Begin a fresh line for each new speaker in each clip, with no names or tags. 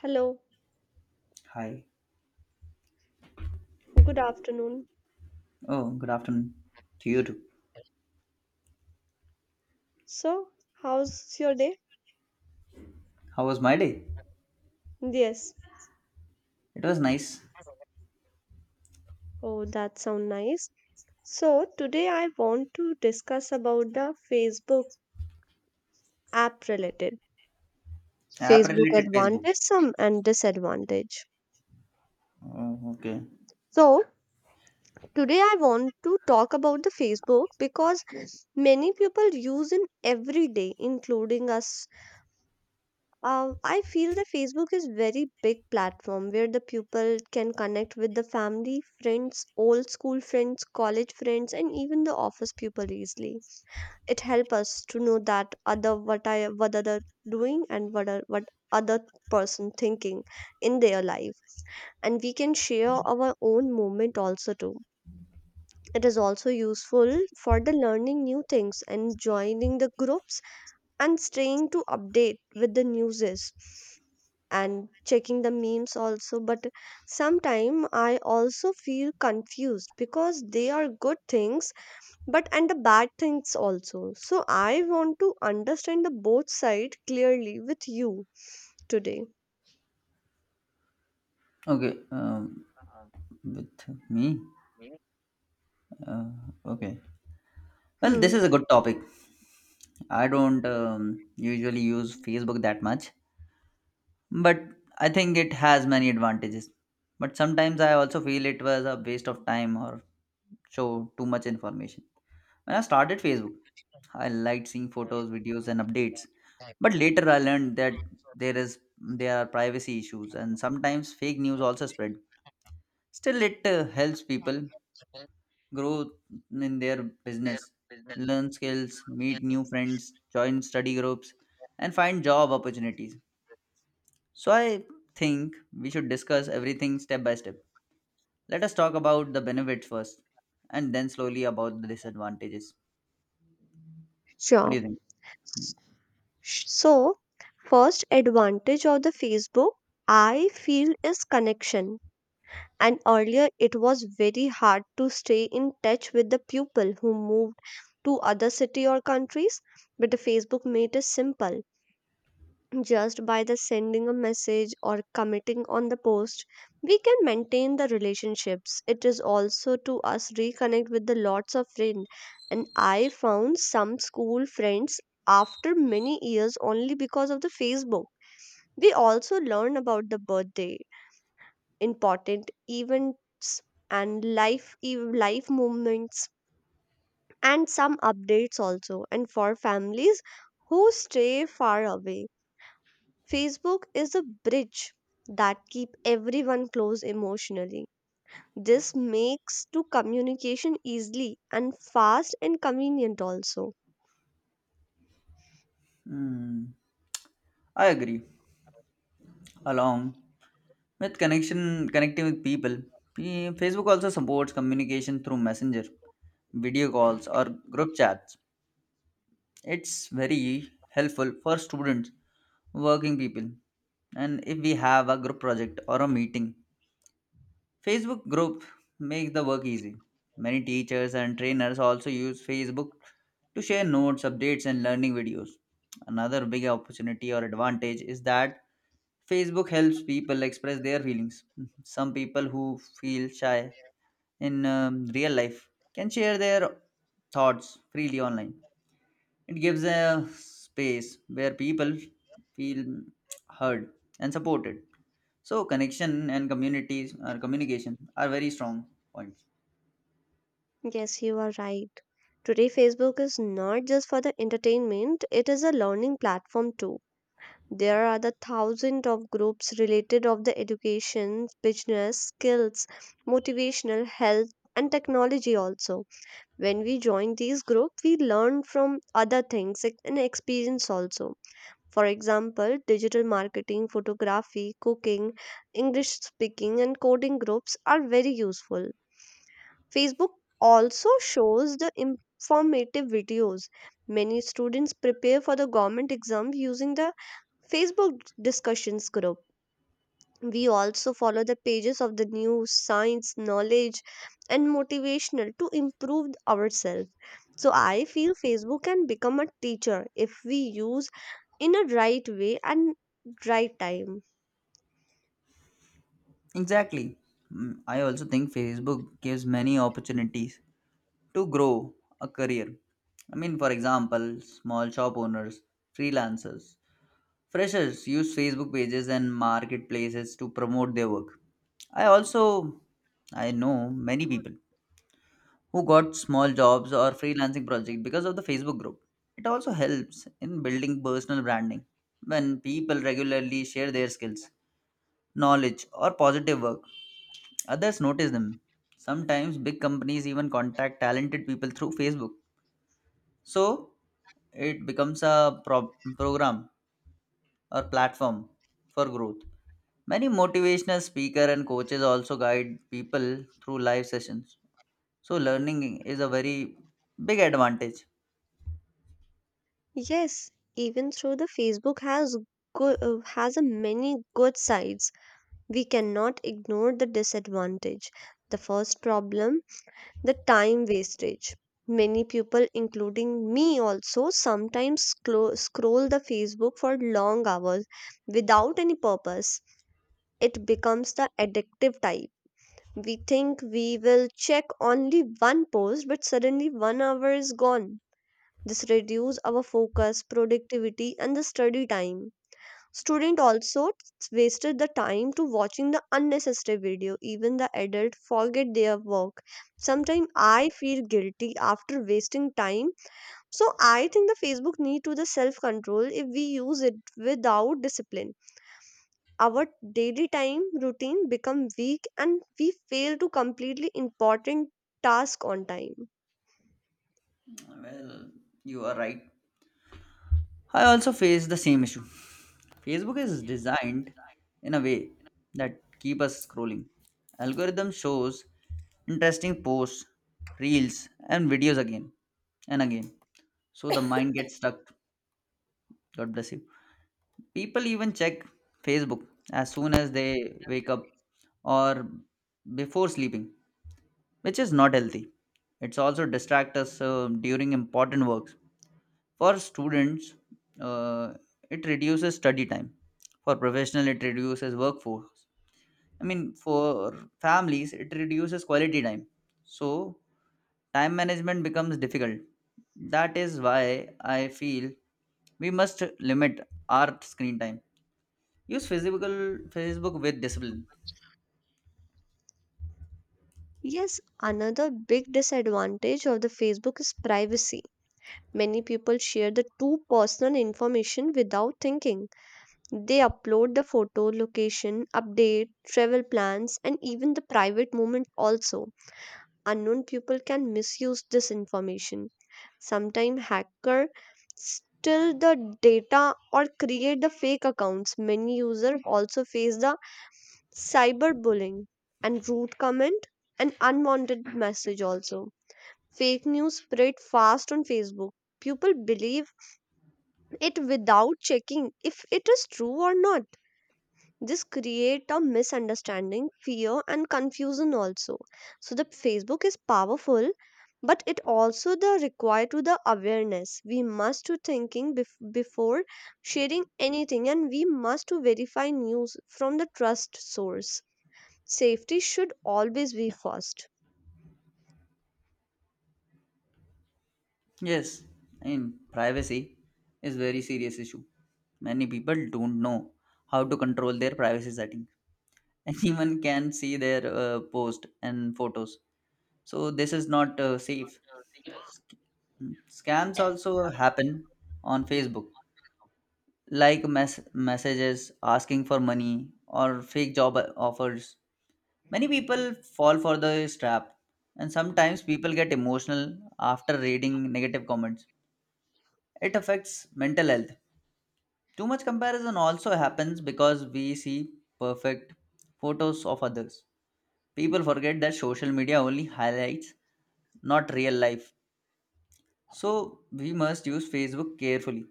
Hello,
Hi.
good afternoon.
Oh, good afternoon to you too.
So, how's your day?
How was my day?
Yes.
It was nice.
Oh, that sounds nice. So, today I want to discuss about the Facebook app related
App
Facebook
related Facebook.
advantage some and disadvantage.
Oh, okay.
So, today I want to talk about the Facebook because many people use in every day including us. I feel that Facebook is very big platform where the people can connect with the family, friends, old school friends, college friends, and even the office people easily. It helps us to know that other what other doing and what other person thinking in their life, and we can share our own moment also too. It is also useful for the learning new things and joining the groups and staying to update with the newses and checking the memes also, but sometime I also feel confused because they are good things but and the bad things also, so I want to understand the both side clearly with you today.
Okay. With me. Uh, okay. Well,
Hmm.
this is a good topic. I don't usually use Facebook that much, but I think it has many advantages. But sometimes I also feel it was a waste of time or show too much information. When I started Facebook, I liked seeing photos, videos, and updates. But later, I learned that there are privacy issues, and sometimes fake news also spread. Still, it helps people grow in their business, learn skills, meet new friends, join study groups, and find job opportunities. So I think we should discuss everything step by step. Let us talk about the benefits first, and then slowly about the disadvantages. What do
Sure.
you think?
So, first advantage of the Facebook I feel is connection, and earlier it was very hard to stay in touch with the people who moved to other city or countries, but the Facebook made it simple. Just by the sending a message or commenting on the post, we can maintain the relationships. It is also to us reconnect with the lots of friends, and I found some school friends after many years only because of the Facebook. We also learn about the birthday, important events, and life movements and some updates also. And for families who stay far away, Facebook is a bridge that keep everyone close emotionally. This makes to communication easily and fast and convenient also.
Hmm. I agree. Along with connection connecting with people. Facebook also supports communication through messenger, video calls, or group chats. It's very helpful for students, working people, and if we have a group project or a meeting, Facebook group makes the work easy. Many teachers and trainers also use Facebook to share notes, updates, and learning videos. Another big opportunity or advantage is that Facebook helps people express their feelings. Some people who feel shy in real life can share their thoughts freely online. It gives a space where people feel heard and supported. So connection and communities or communication are very strong points.
Yes, you are right. Today Facebook is not just for the entertainment, it is a learning platform too. There are the thousands of groups related of the education, business, skills, motivational, health, and technology also. When we join these groups, we learn from other things and experience also. For example, digital marketing, photography, cooking, English speaking and coding groups are very useful. Facebook also shows the informative videos. Many students prepare for the government exam using the Facebook discussions group. We also follow the pages of the news, science, knowledge, and motivational to improve ourselves. So I feel Facebook can become a teacher if we use in a right way and right time.
Exactly. Mm, I also think Facebook gives many opportunities to grow a career. I mean, for example, small shop owners, freelancers, Freshers use Facebook pages and marketplaces to promote their work. I also I know many people who got small jobs or freelancing projects because of the Facebook group. It also helps in building personal branding. When people regularly share their skills, knowledge, or positive work, others notice them. Sometimes big companies even contact talented people through Facebook. So it becomes a program or platform for growth. Many motivational speakers and coaches also guide people through live sessions. So learning is a very big advantage.
Yes, even though the Facebook has has a many good sides, we cannot ignore the disadvantage. The first problem the time wastage. Many people, including me also, sometimes scroll the Facebook for long hours without any purpose. It becomes the addictive type. We think we will check only one post, but suddenly 1 hour is gone. This reduces our focus, productivity, and the study time. Student also wasted the time to watching the unnecessary video. Even the adult forget their work. Sometimes I feel guilty after wasting time. So I think the Facebook need to the self control if we use it without discipline. Our daily time routine become weak and we fail to completely important task on time.
Well, you are right. I also face the same issue. Facebook is designed in a way that keep us scrolling. Algorithm shows interesting posts, reels, and videos again and again. So the mind gets stuck. God bless you. People even check Facebook as soon as they wake up or before sleeping, which is not healthy. It's also distract us during important works. For students, uh, it reduces study time. For professional, it reduces workforce. I mean, for families, it reduces quality time. So time management becomes difficult. That is why I feel we must limit our screen time. Use physical Facebook with discipline.
Yes, another big disadvantage of the Facebook is privacy. Many people share the too personal information without thinking. They upload the photo, location, update, travel plans, and even the private moment also. Unknown people can misuse this information. Sometimes hacker steal the data or create the fake accounts. Many users also face the cyberbullying and rude comment and unwanted message also. Fake news spread fast on Facebook. People believe it without checking if it is true or not. This create a misunderstanding, fear, and confusion also. So the Facebook is powerful, but it also the require to the awareness. We must to thinking before sharing anything, and we must to verify news from the trust source. Safety should always be first.
Yes, in privacy is very serious issue. Many people don't know how to control their privacy setting. Anyone can see their post and photos. So this is not safe. Sc- Scams also happen on Facebook, like messages asking for money or fake job offers. Many people fall for this trap, and sometimes people get emotional after reading negative comments. It affects mental health. Too much comparison also happens because we see perfect photos of others. People forget that social media only highlights, not real life. So we must use Facebook carefully,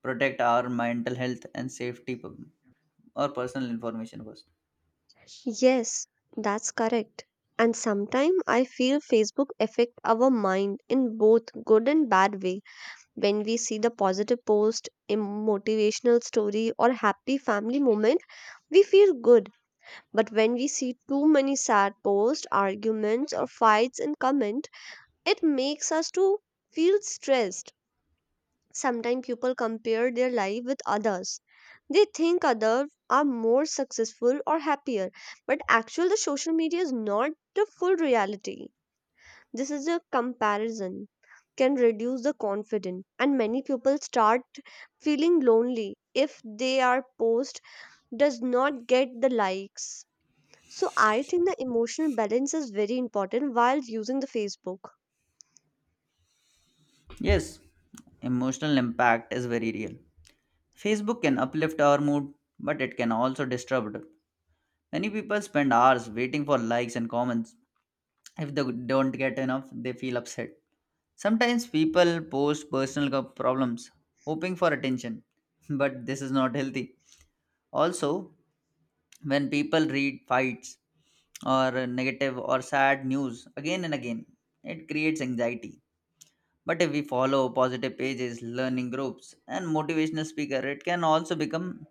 protect our mental health and safety, or personal information first.
Yes, that's correct. And sometimes I feel Facebook affect our mind in both good and bad way. When we see the positive post, a motivational story, or happy family moment, we feel good. But when we see too many sad posts, arguments, or fights in comment, it makes us to feel stressed. Sometimes people compare their life with others. They think others are more successful or happier, but actually the social media is not the full reality. This is a comparison can reduce the confidence, and many people start feeling lonely if they are post does not get the likes. So I think the emotional balance is very important while using the Facebook.
Yes, emotional impact is very real. Facebook can uplift our mood, but it can also disturb it. Many people spend hours waiting for likes and comments. If they don't get enough, they feel upset. Sometimes people post personal problems, hoping for attention, but this is not healthy. Also, when people read fights or negative or sad news again and again, it creates anxiety. But if we follow positive pages, learning groups, and motivational speaker, it can also become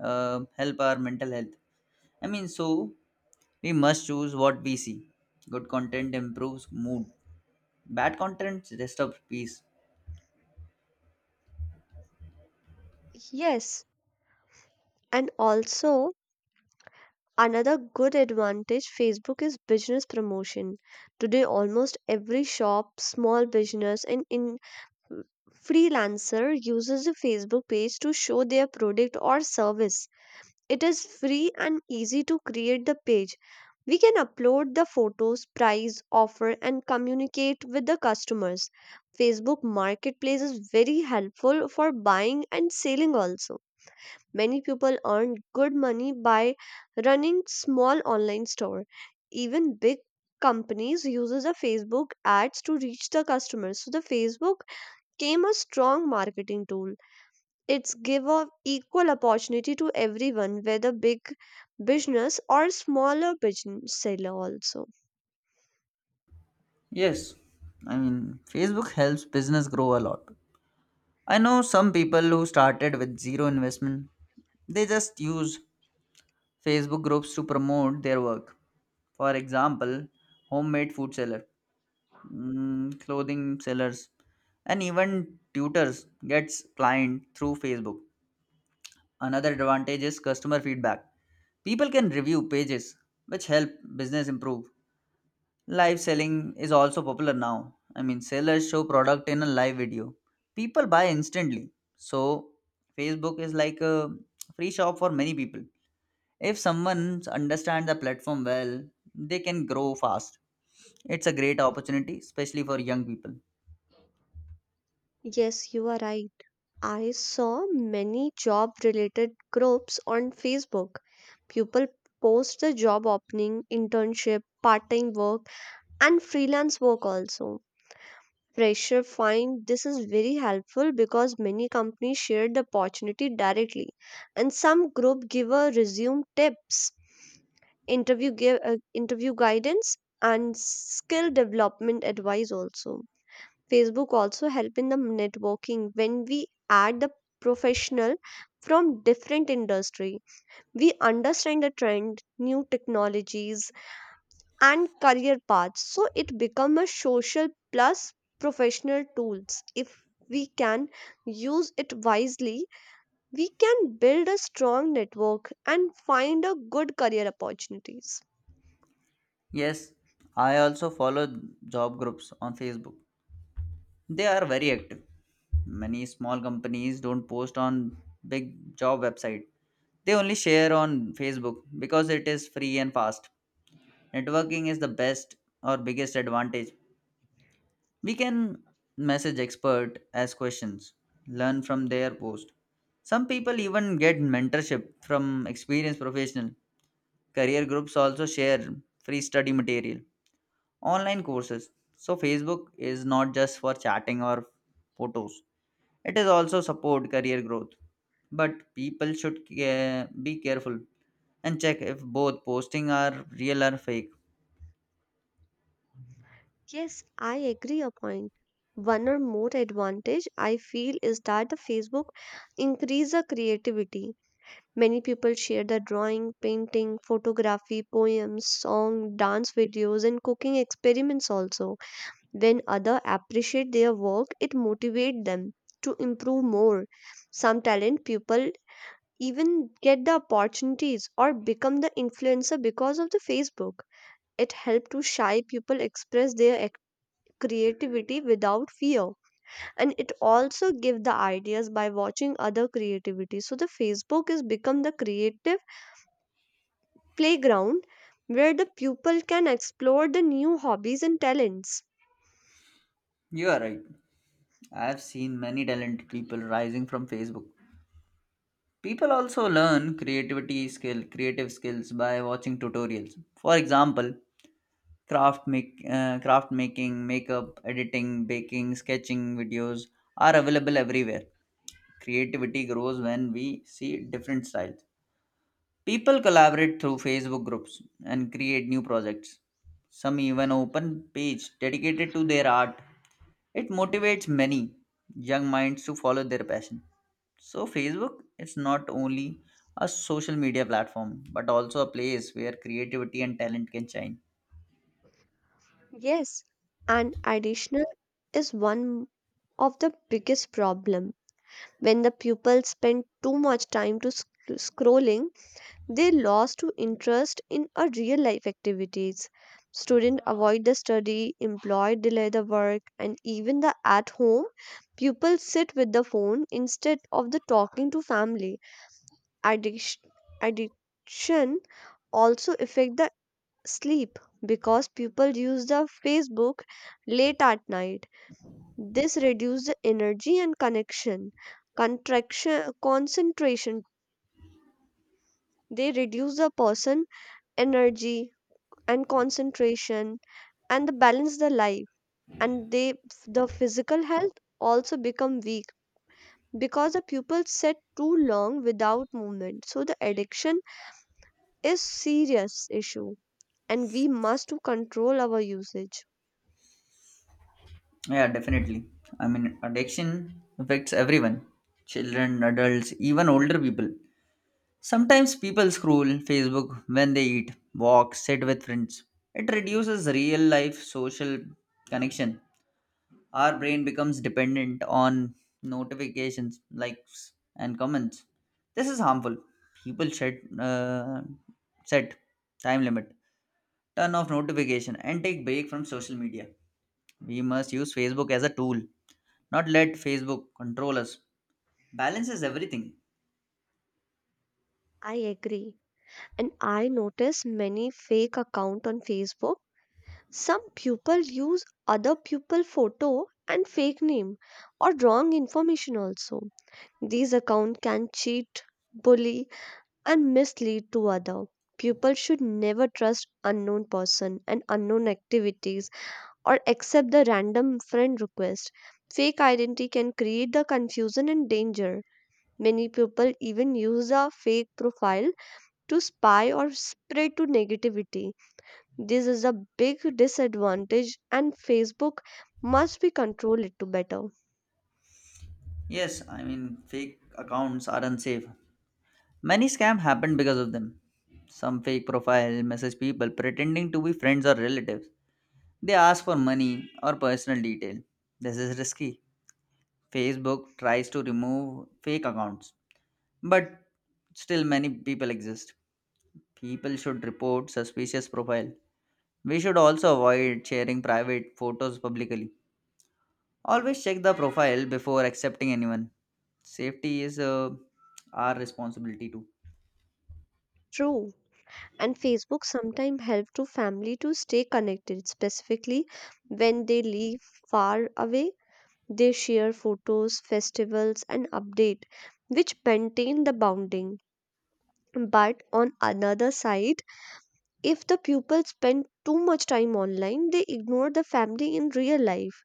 help our mental health. I mean, so we must choose what we see. Good content improves mood. Bad content disturbs peace.
Yes, and also another good advantage Facebook is business promotion. Today almost every shop, small business and in freelancer uses a Facebook page to show their product or service. It is free and easy to create the page. We can upload the photos, price, offer, and communicate with the customers. Facebook Marketplace is very helpful for buying and selling also. Many people earn good money by running small online store. Even big companies uses the Facebook ads to reach the customers. So the Facebook came a strong marketing tool. It's give of equal opportunity to everyone whether big business or smaller business seller also.
Yes, I mean Facebook helps business grow a lot. I know some people who started with zero investment. They just use Facebook groups to promote their work. For example, homemade food seller, mm, clothing sellers, and even tutors gets client through Facebook. Another advantage is customer feedback. People can review pages, which help business improve. Live selling is also popular now. I mean, sellers show product in a live video, people buy instantly. So Facebook is like a free shop for many people. If someone understands the platform well, they can grow fast. It's a great opportunity, especially for young people.
Yes, you are right. I saw many job related groups on Facebook. People post the job opening, internship, part time work, and freelance work also. Fresher find this is very helpful because many companies share the opportunity directly, and some group give a resume tips, interview guidance, and skill development advice also. Facebook also help in the networking. When we add the professional from different industry, we understand the trend, new technologies, and career paths. So it become a social plus professional tools. If we can use it wisely, we can build a strong network and find a good career opportunities.
Yes, I also follow job groups on Facebook. They are very active. Many small companies don't post on big job website. They only share on Facebook because it is free and fast. Networking is the best or biggest advantage. We can message expert, ask questions, learn from their post. Some people even get mentorship from experienced professional. Career groups also share free study material, online courses. So Facebook is not just for chatting or photos, it is also support career growth. But people should be careful and check if both posting are real or fake.
Yes, I agree a point. One or more advantage I feel is that the Facebook increase the creativity. Many people share their drawing, painting, photography, poems, song, dance videos, and cooking experiments also. When other appreciate their work, it motivate them to improve more. Some talent people even get the opportunities or become the influencer because of the Facebook. It helped to shy people express their creativity without fear, and it also give the ideas by watching other creativity. So the Facebook is become the creative playground where the pupil can explore the new hobbies and talents.
You are right. I have seen many talented people rising from Facebook. People also learn creativity skill creative skills by watching tutorials. For example, craft making, makeup editing, baking, sketching videos are available everywhere. Creativity grows when we see different styles. People collaborate through Facebook groups and create new projects. Some even open page dedicated to their art. It motivates many young minds to follow their passion. So Facebook is not only a social media platform but also a place where creativity and talent can shine.
Yes, and additional is one of the biggest problem. When the pupils spend too much time to scrolling, they lost to interest in a real life activities. Students avoid the study, employed delay the work, and even the at home pupils sit with the phone instead of the talking to family. Addiction, addiction also affect the sleep because people use the Facebook late at night. This reduces the energy and connection, contraction, concentration. They reduce the person energy and concentration and the balance the life and they the physical health also become weak because the pupils sit too long without movement. So the addiction is serious issue, and we must to control our usage.
Yeah, definitely. I mean, addiction affects everyone, children, adults, even older people. Sometimes people scroll Facebook when they eat, walk, sit with friends. It reduces real life social connection. Our brain becomes dependent on notifications, likes, and comments. This is harmful. People should set time limit, turn off notification, and take break from social media. We must use Facebook as a tool, not let Facebook control us. Balance is everything.
I agree. And I notice many fake account on Facebook. Some people use other pupil photo and fake name or wrong information also. These account can cheat, bully, and mislead to other. People should never trust unknown person and unknown activities or accept the random friend request. Fake identity can create the confusion and danger. Many people even use a fake profile to spy or spread to negativity. This is a big disadvantage and Facebook must be controlled to better.
Yes, I mean fake accounts are unsafe. Many scams happen because of them. Some fake profile message people pretending to be friends or relatives. They ask for money or personal detail. This is risky. Facebook tries to remove fake accounts, but still many people exist. People should report suspicious profile. We should also avoid sharing private photos publicly. Always check the profile before accepting anyone. Safety is our responsibility too.
True. And Facebook sometimes help to family to stay connected specifically when they live far away. They share photos, festivals, and update which maintain the bonding. But on another side, if the pupils spend too much time online, they ignore the family in real life.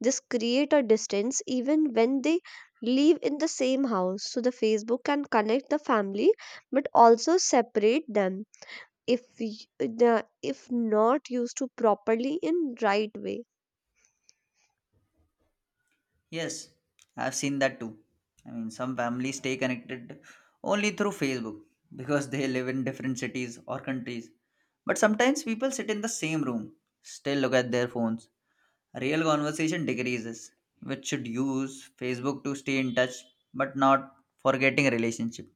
This create a distance even when they live in the same house. So the Facebook can connect the family but also separate them if y- the if not used to properly in right way.
Yes, I've seen that too. I mean, some families stay connected only through Facebook because they live in different cities or countries. But sometimes people sit in the same room, still look at their phones. Real conversation decreases, which should use Facebook to stay in touch but not forgetting a relationship.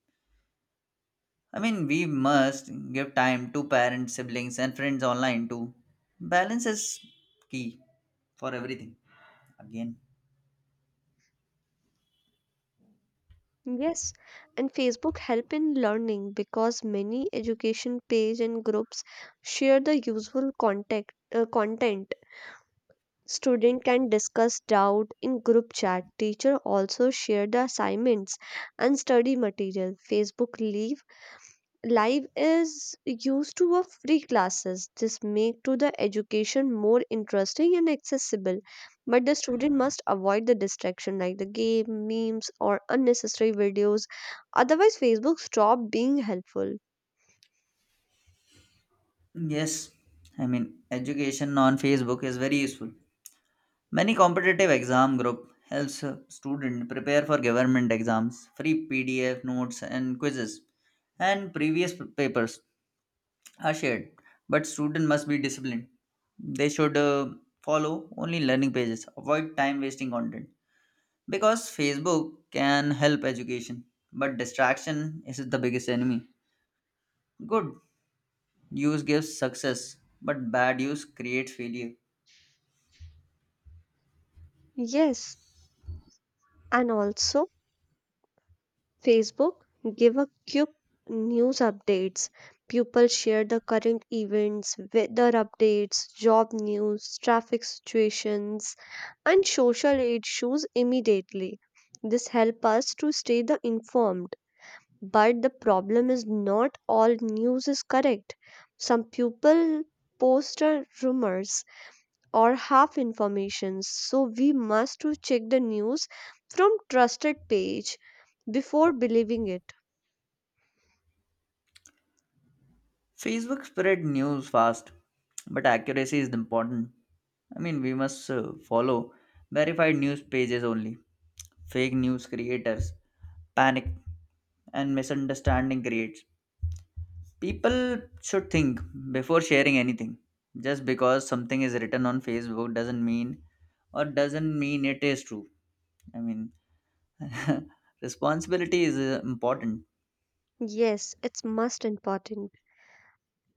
I mean, we must give time to parents, siblings, and friends online too. Balance is key for everything. Again.
Yes, and Facebook help in learning because many education page and groups share the useful contact content. Student can discuss doubt in group chat. Teacher also share the assignments and study material. Facebook leave live is used to a free classes. This make to the education more interesting and accessible, but the student must avoid the distraction like the game, memes, or unnecessary videos, otherwise Facebook stop being helpful.
Yes, I mean education on Facebook is very useful. Many competitive exam group helps student prepare for government exams. Free PDF notes and quizzes and previous papers are shared, but student must be disciplined. They should follow only learning pages. Avoid time wasting content because Facebook can help education, but distraction is the biggest enemy. Good use gives success, but bad use creates failure.
Yes, and also Facebook give a quick news updates. People share the current events, weather updates, job news, traffic situations, and social issues immediately. This help us to stay the informed. But the problem is not all news is correct. Some people post rumors or half information. So we must to check the news from trusted page before believing it.
Facebook spread news fast, but accuracy is important. I mean, we must follow verified news pages only. Fake news creators panic and misunderstanding creates. People should think before sharing anything. Just because something is written on Facebook doesn't mean it is true. I mean, responsibility is important.
Yes, it's most important.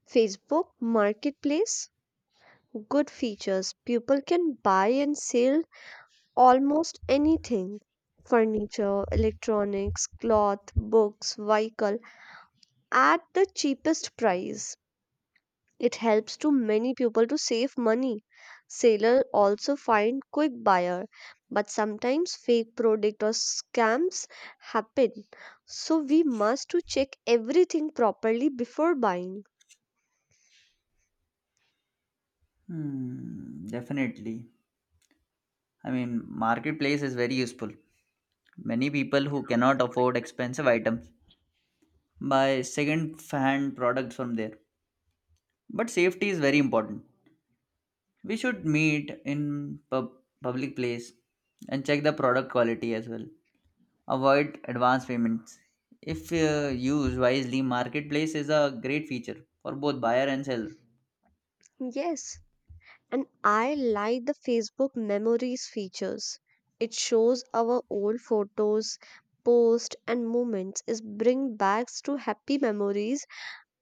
Facebook Marketplace, good features. People can buy and sell almost anything: furniture, electronics, cloth, books, vehicle at the cheapest price. It helps to many people to save money. Seller also find quick buyer, but sometimes fake product or scams happen. So we must to check everything properly before buying.
Hmm, definitely. I mean, marketplace is very useful. Many people who cannot afford expensive items buy second hand products from there, but safety is very important. We should meet in public place and check the product quality as well. Avoid advance payments. If used wisely, marketplace is a great feature for both buyer and seller.
Yes, and I like the Facebook memories features. It shows our old photos, posts, and moments. Is bring back to happy memories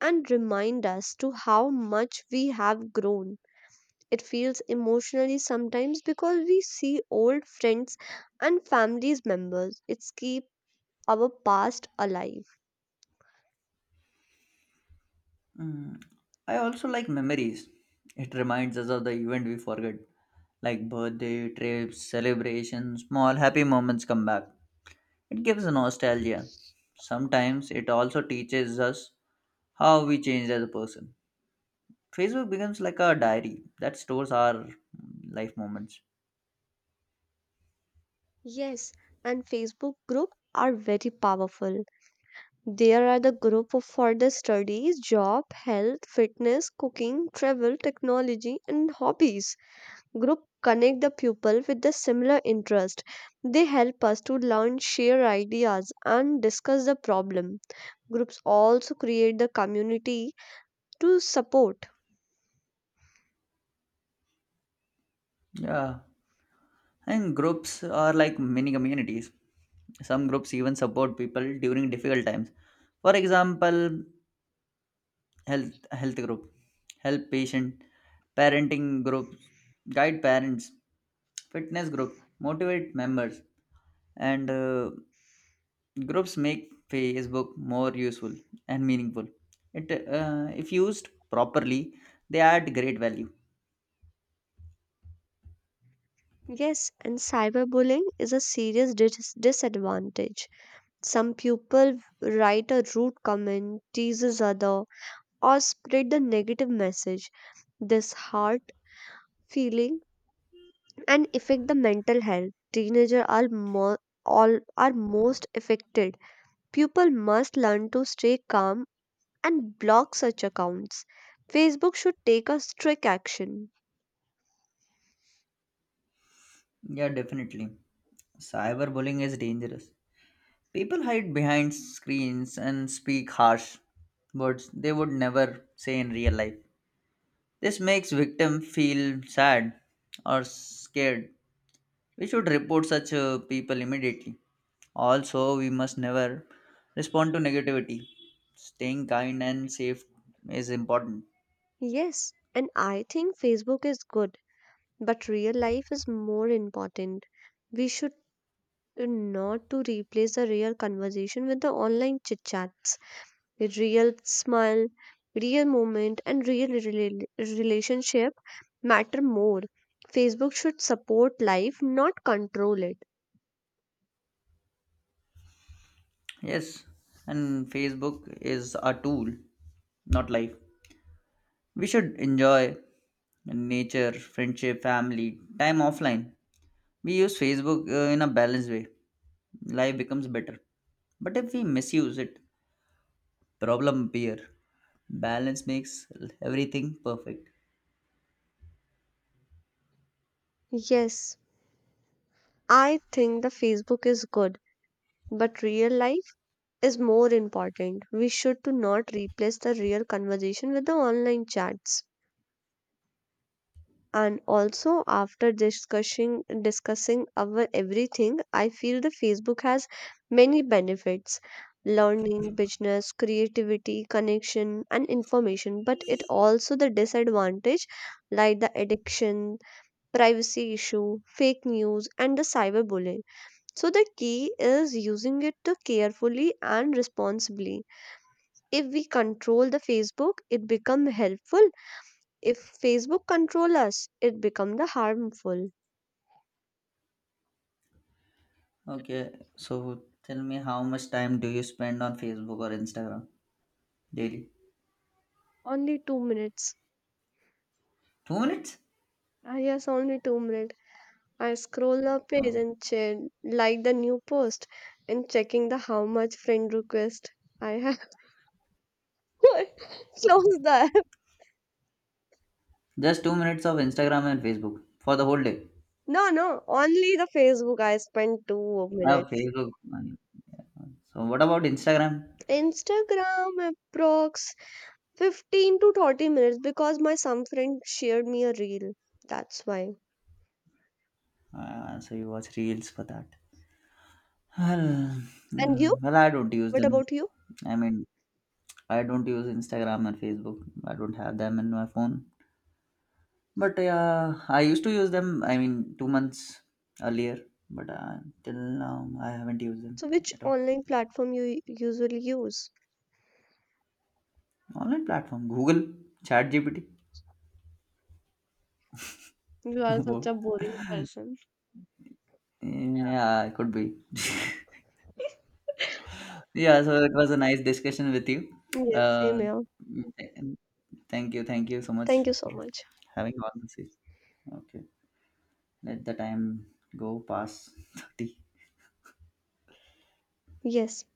and remind us to how much we have grown. It feels emotionally sometimes because we see old friends and families members. It's keep our past alive.
Mm, I also like memories. It reminds us of the event we forget, like birthday trips, celebrations, small happy moments come back. It gives nostalgia. Sometimes it also teaches us how we changed as a person. Facebook becomes like a diary that stores our life moments.
Yes, and Facebook group are very powerful. There are the group of for the studies, job, health, fitness, cooking, travel, technology, and hobbies. Group connect the pupil with the similar interest. They help us to learn, share ideas, and discuss the problem. Groups also create the community to support.
Yeah. And groups are like mini communities. Some groups even support people during difficult times. For example, health group, help patient, parenting groups, guide parents, fitness group, motivate members. And groups make Facebook more useful and meaningful. It, if used properly, they add great value.
Yes, and cyberbullying is a serious disadvantage. Some people write a rude comment, teases other, or spread the negative message. This hurt feeling and affect the mental health. Teenagers are more all are most affected. People must learn to stay calm and block such accounts. Facebook should take a strict action.
Yeah, definitely, cyberbullying is dangerous. People hide behind screens and speak harsh words they would never say in real life. This makes victim feel sad or scared. We should report such people immediately. Also, we must never respond to negativity. Staying kind and safe is important.
Yes, and I think Facebook is good, but real life is more important. We should not to replace the real conversation with the online chit chats. With real smile, real moment, and relationship matter more. Facebook should support life, not control it.
Yes, and Facebook is a tool, not life. We should enjoy nature, friendship, family, time offline. We use Facebook in a balanced way. Life becomes better. But if we misuse it, problem appear. Balance makes everything perfect.
Yes, I think the Facebook is good, but real life is more important. We should to not replace the real conversation with the online chats. And also after discussing our everything, I feel the Facebook has many benefits: learning, business, creativity, connection, and information, but it also the disadvantage like the addiction, privacy issue, fake news, and the cyberbullying. So the key is using it to carefully and responsibly. If we control the Facebook, it become helpful. If Facebook control us, it become the harmful.
Okay, so tell me, how much time do you spend on Facebook or Instagram daily?
Only 2 minutes.
2 minutes?
Ah, yes, only 2 minutes. I scroll the page
Oh,
and che like the new post and checking the how much friend request I have. Close the app.
just 2 minutes of Instagram and Facebook for the whole day.
No, no, only the Facebook. I spent two
Oh,
minutes.
Facebook. Man. So, what about Instagram?
Instagram approx 15 to 30 minutes because my some friend shared me a reel. That's why.
So, you watch reels for that. Well,
And
yeah,
you?
well, I don't use
What
them.
about you?
I mean, I don't use Instagram and Facebook. I don't have them in my phone. But yeah, I used to use them. I mean, 2 months earlier, but till now I haven't used them
So which
at all.
online platform you usually use?
Online platform, Google, ChatGPT.
You are such
Wow.
a boring person.
Yeah, it could be. Yeah, so it was a nice discussion with you.
Yes, same
Uh,
here.
th- thank you, thank you so much
Thank you so
for
much.
having on this. Okay, let the time go past 30.
Yes.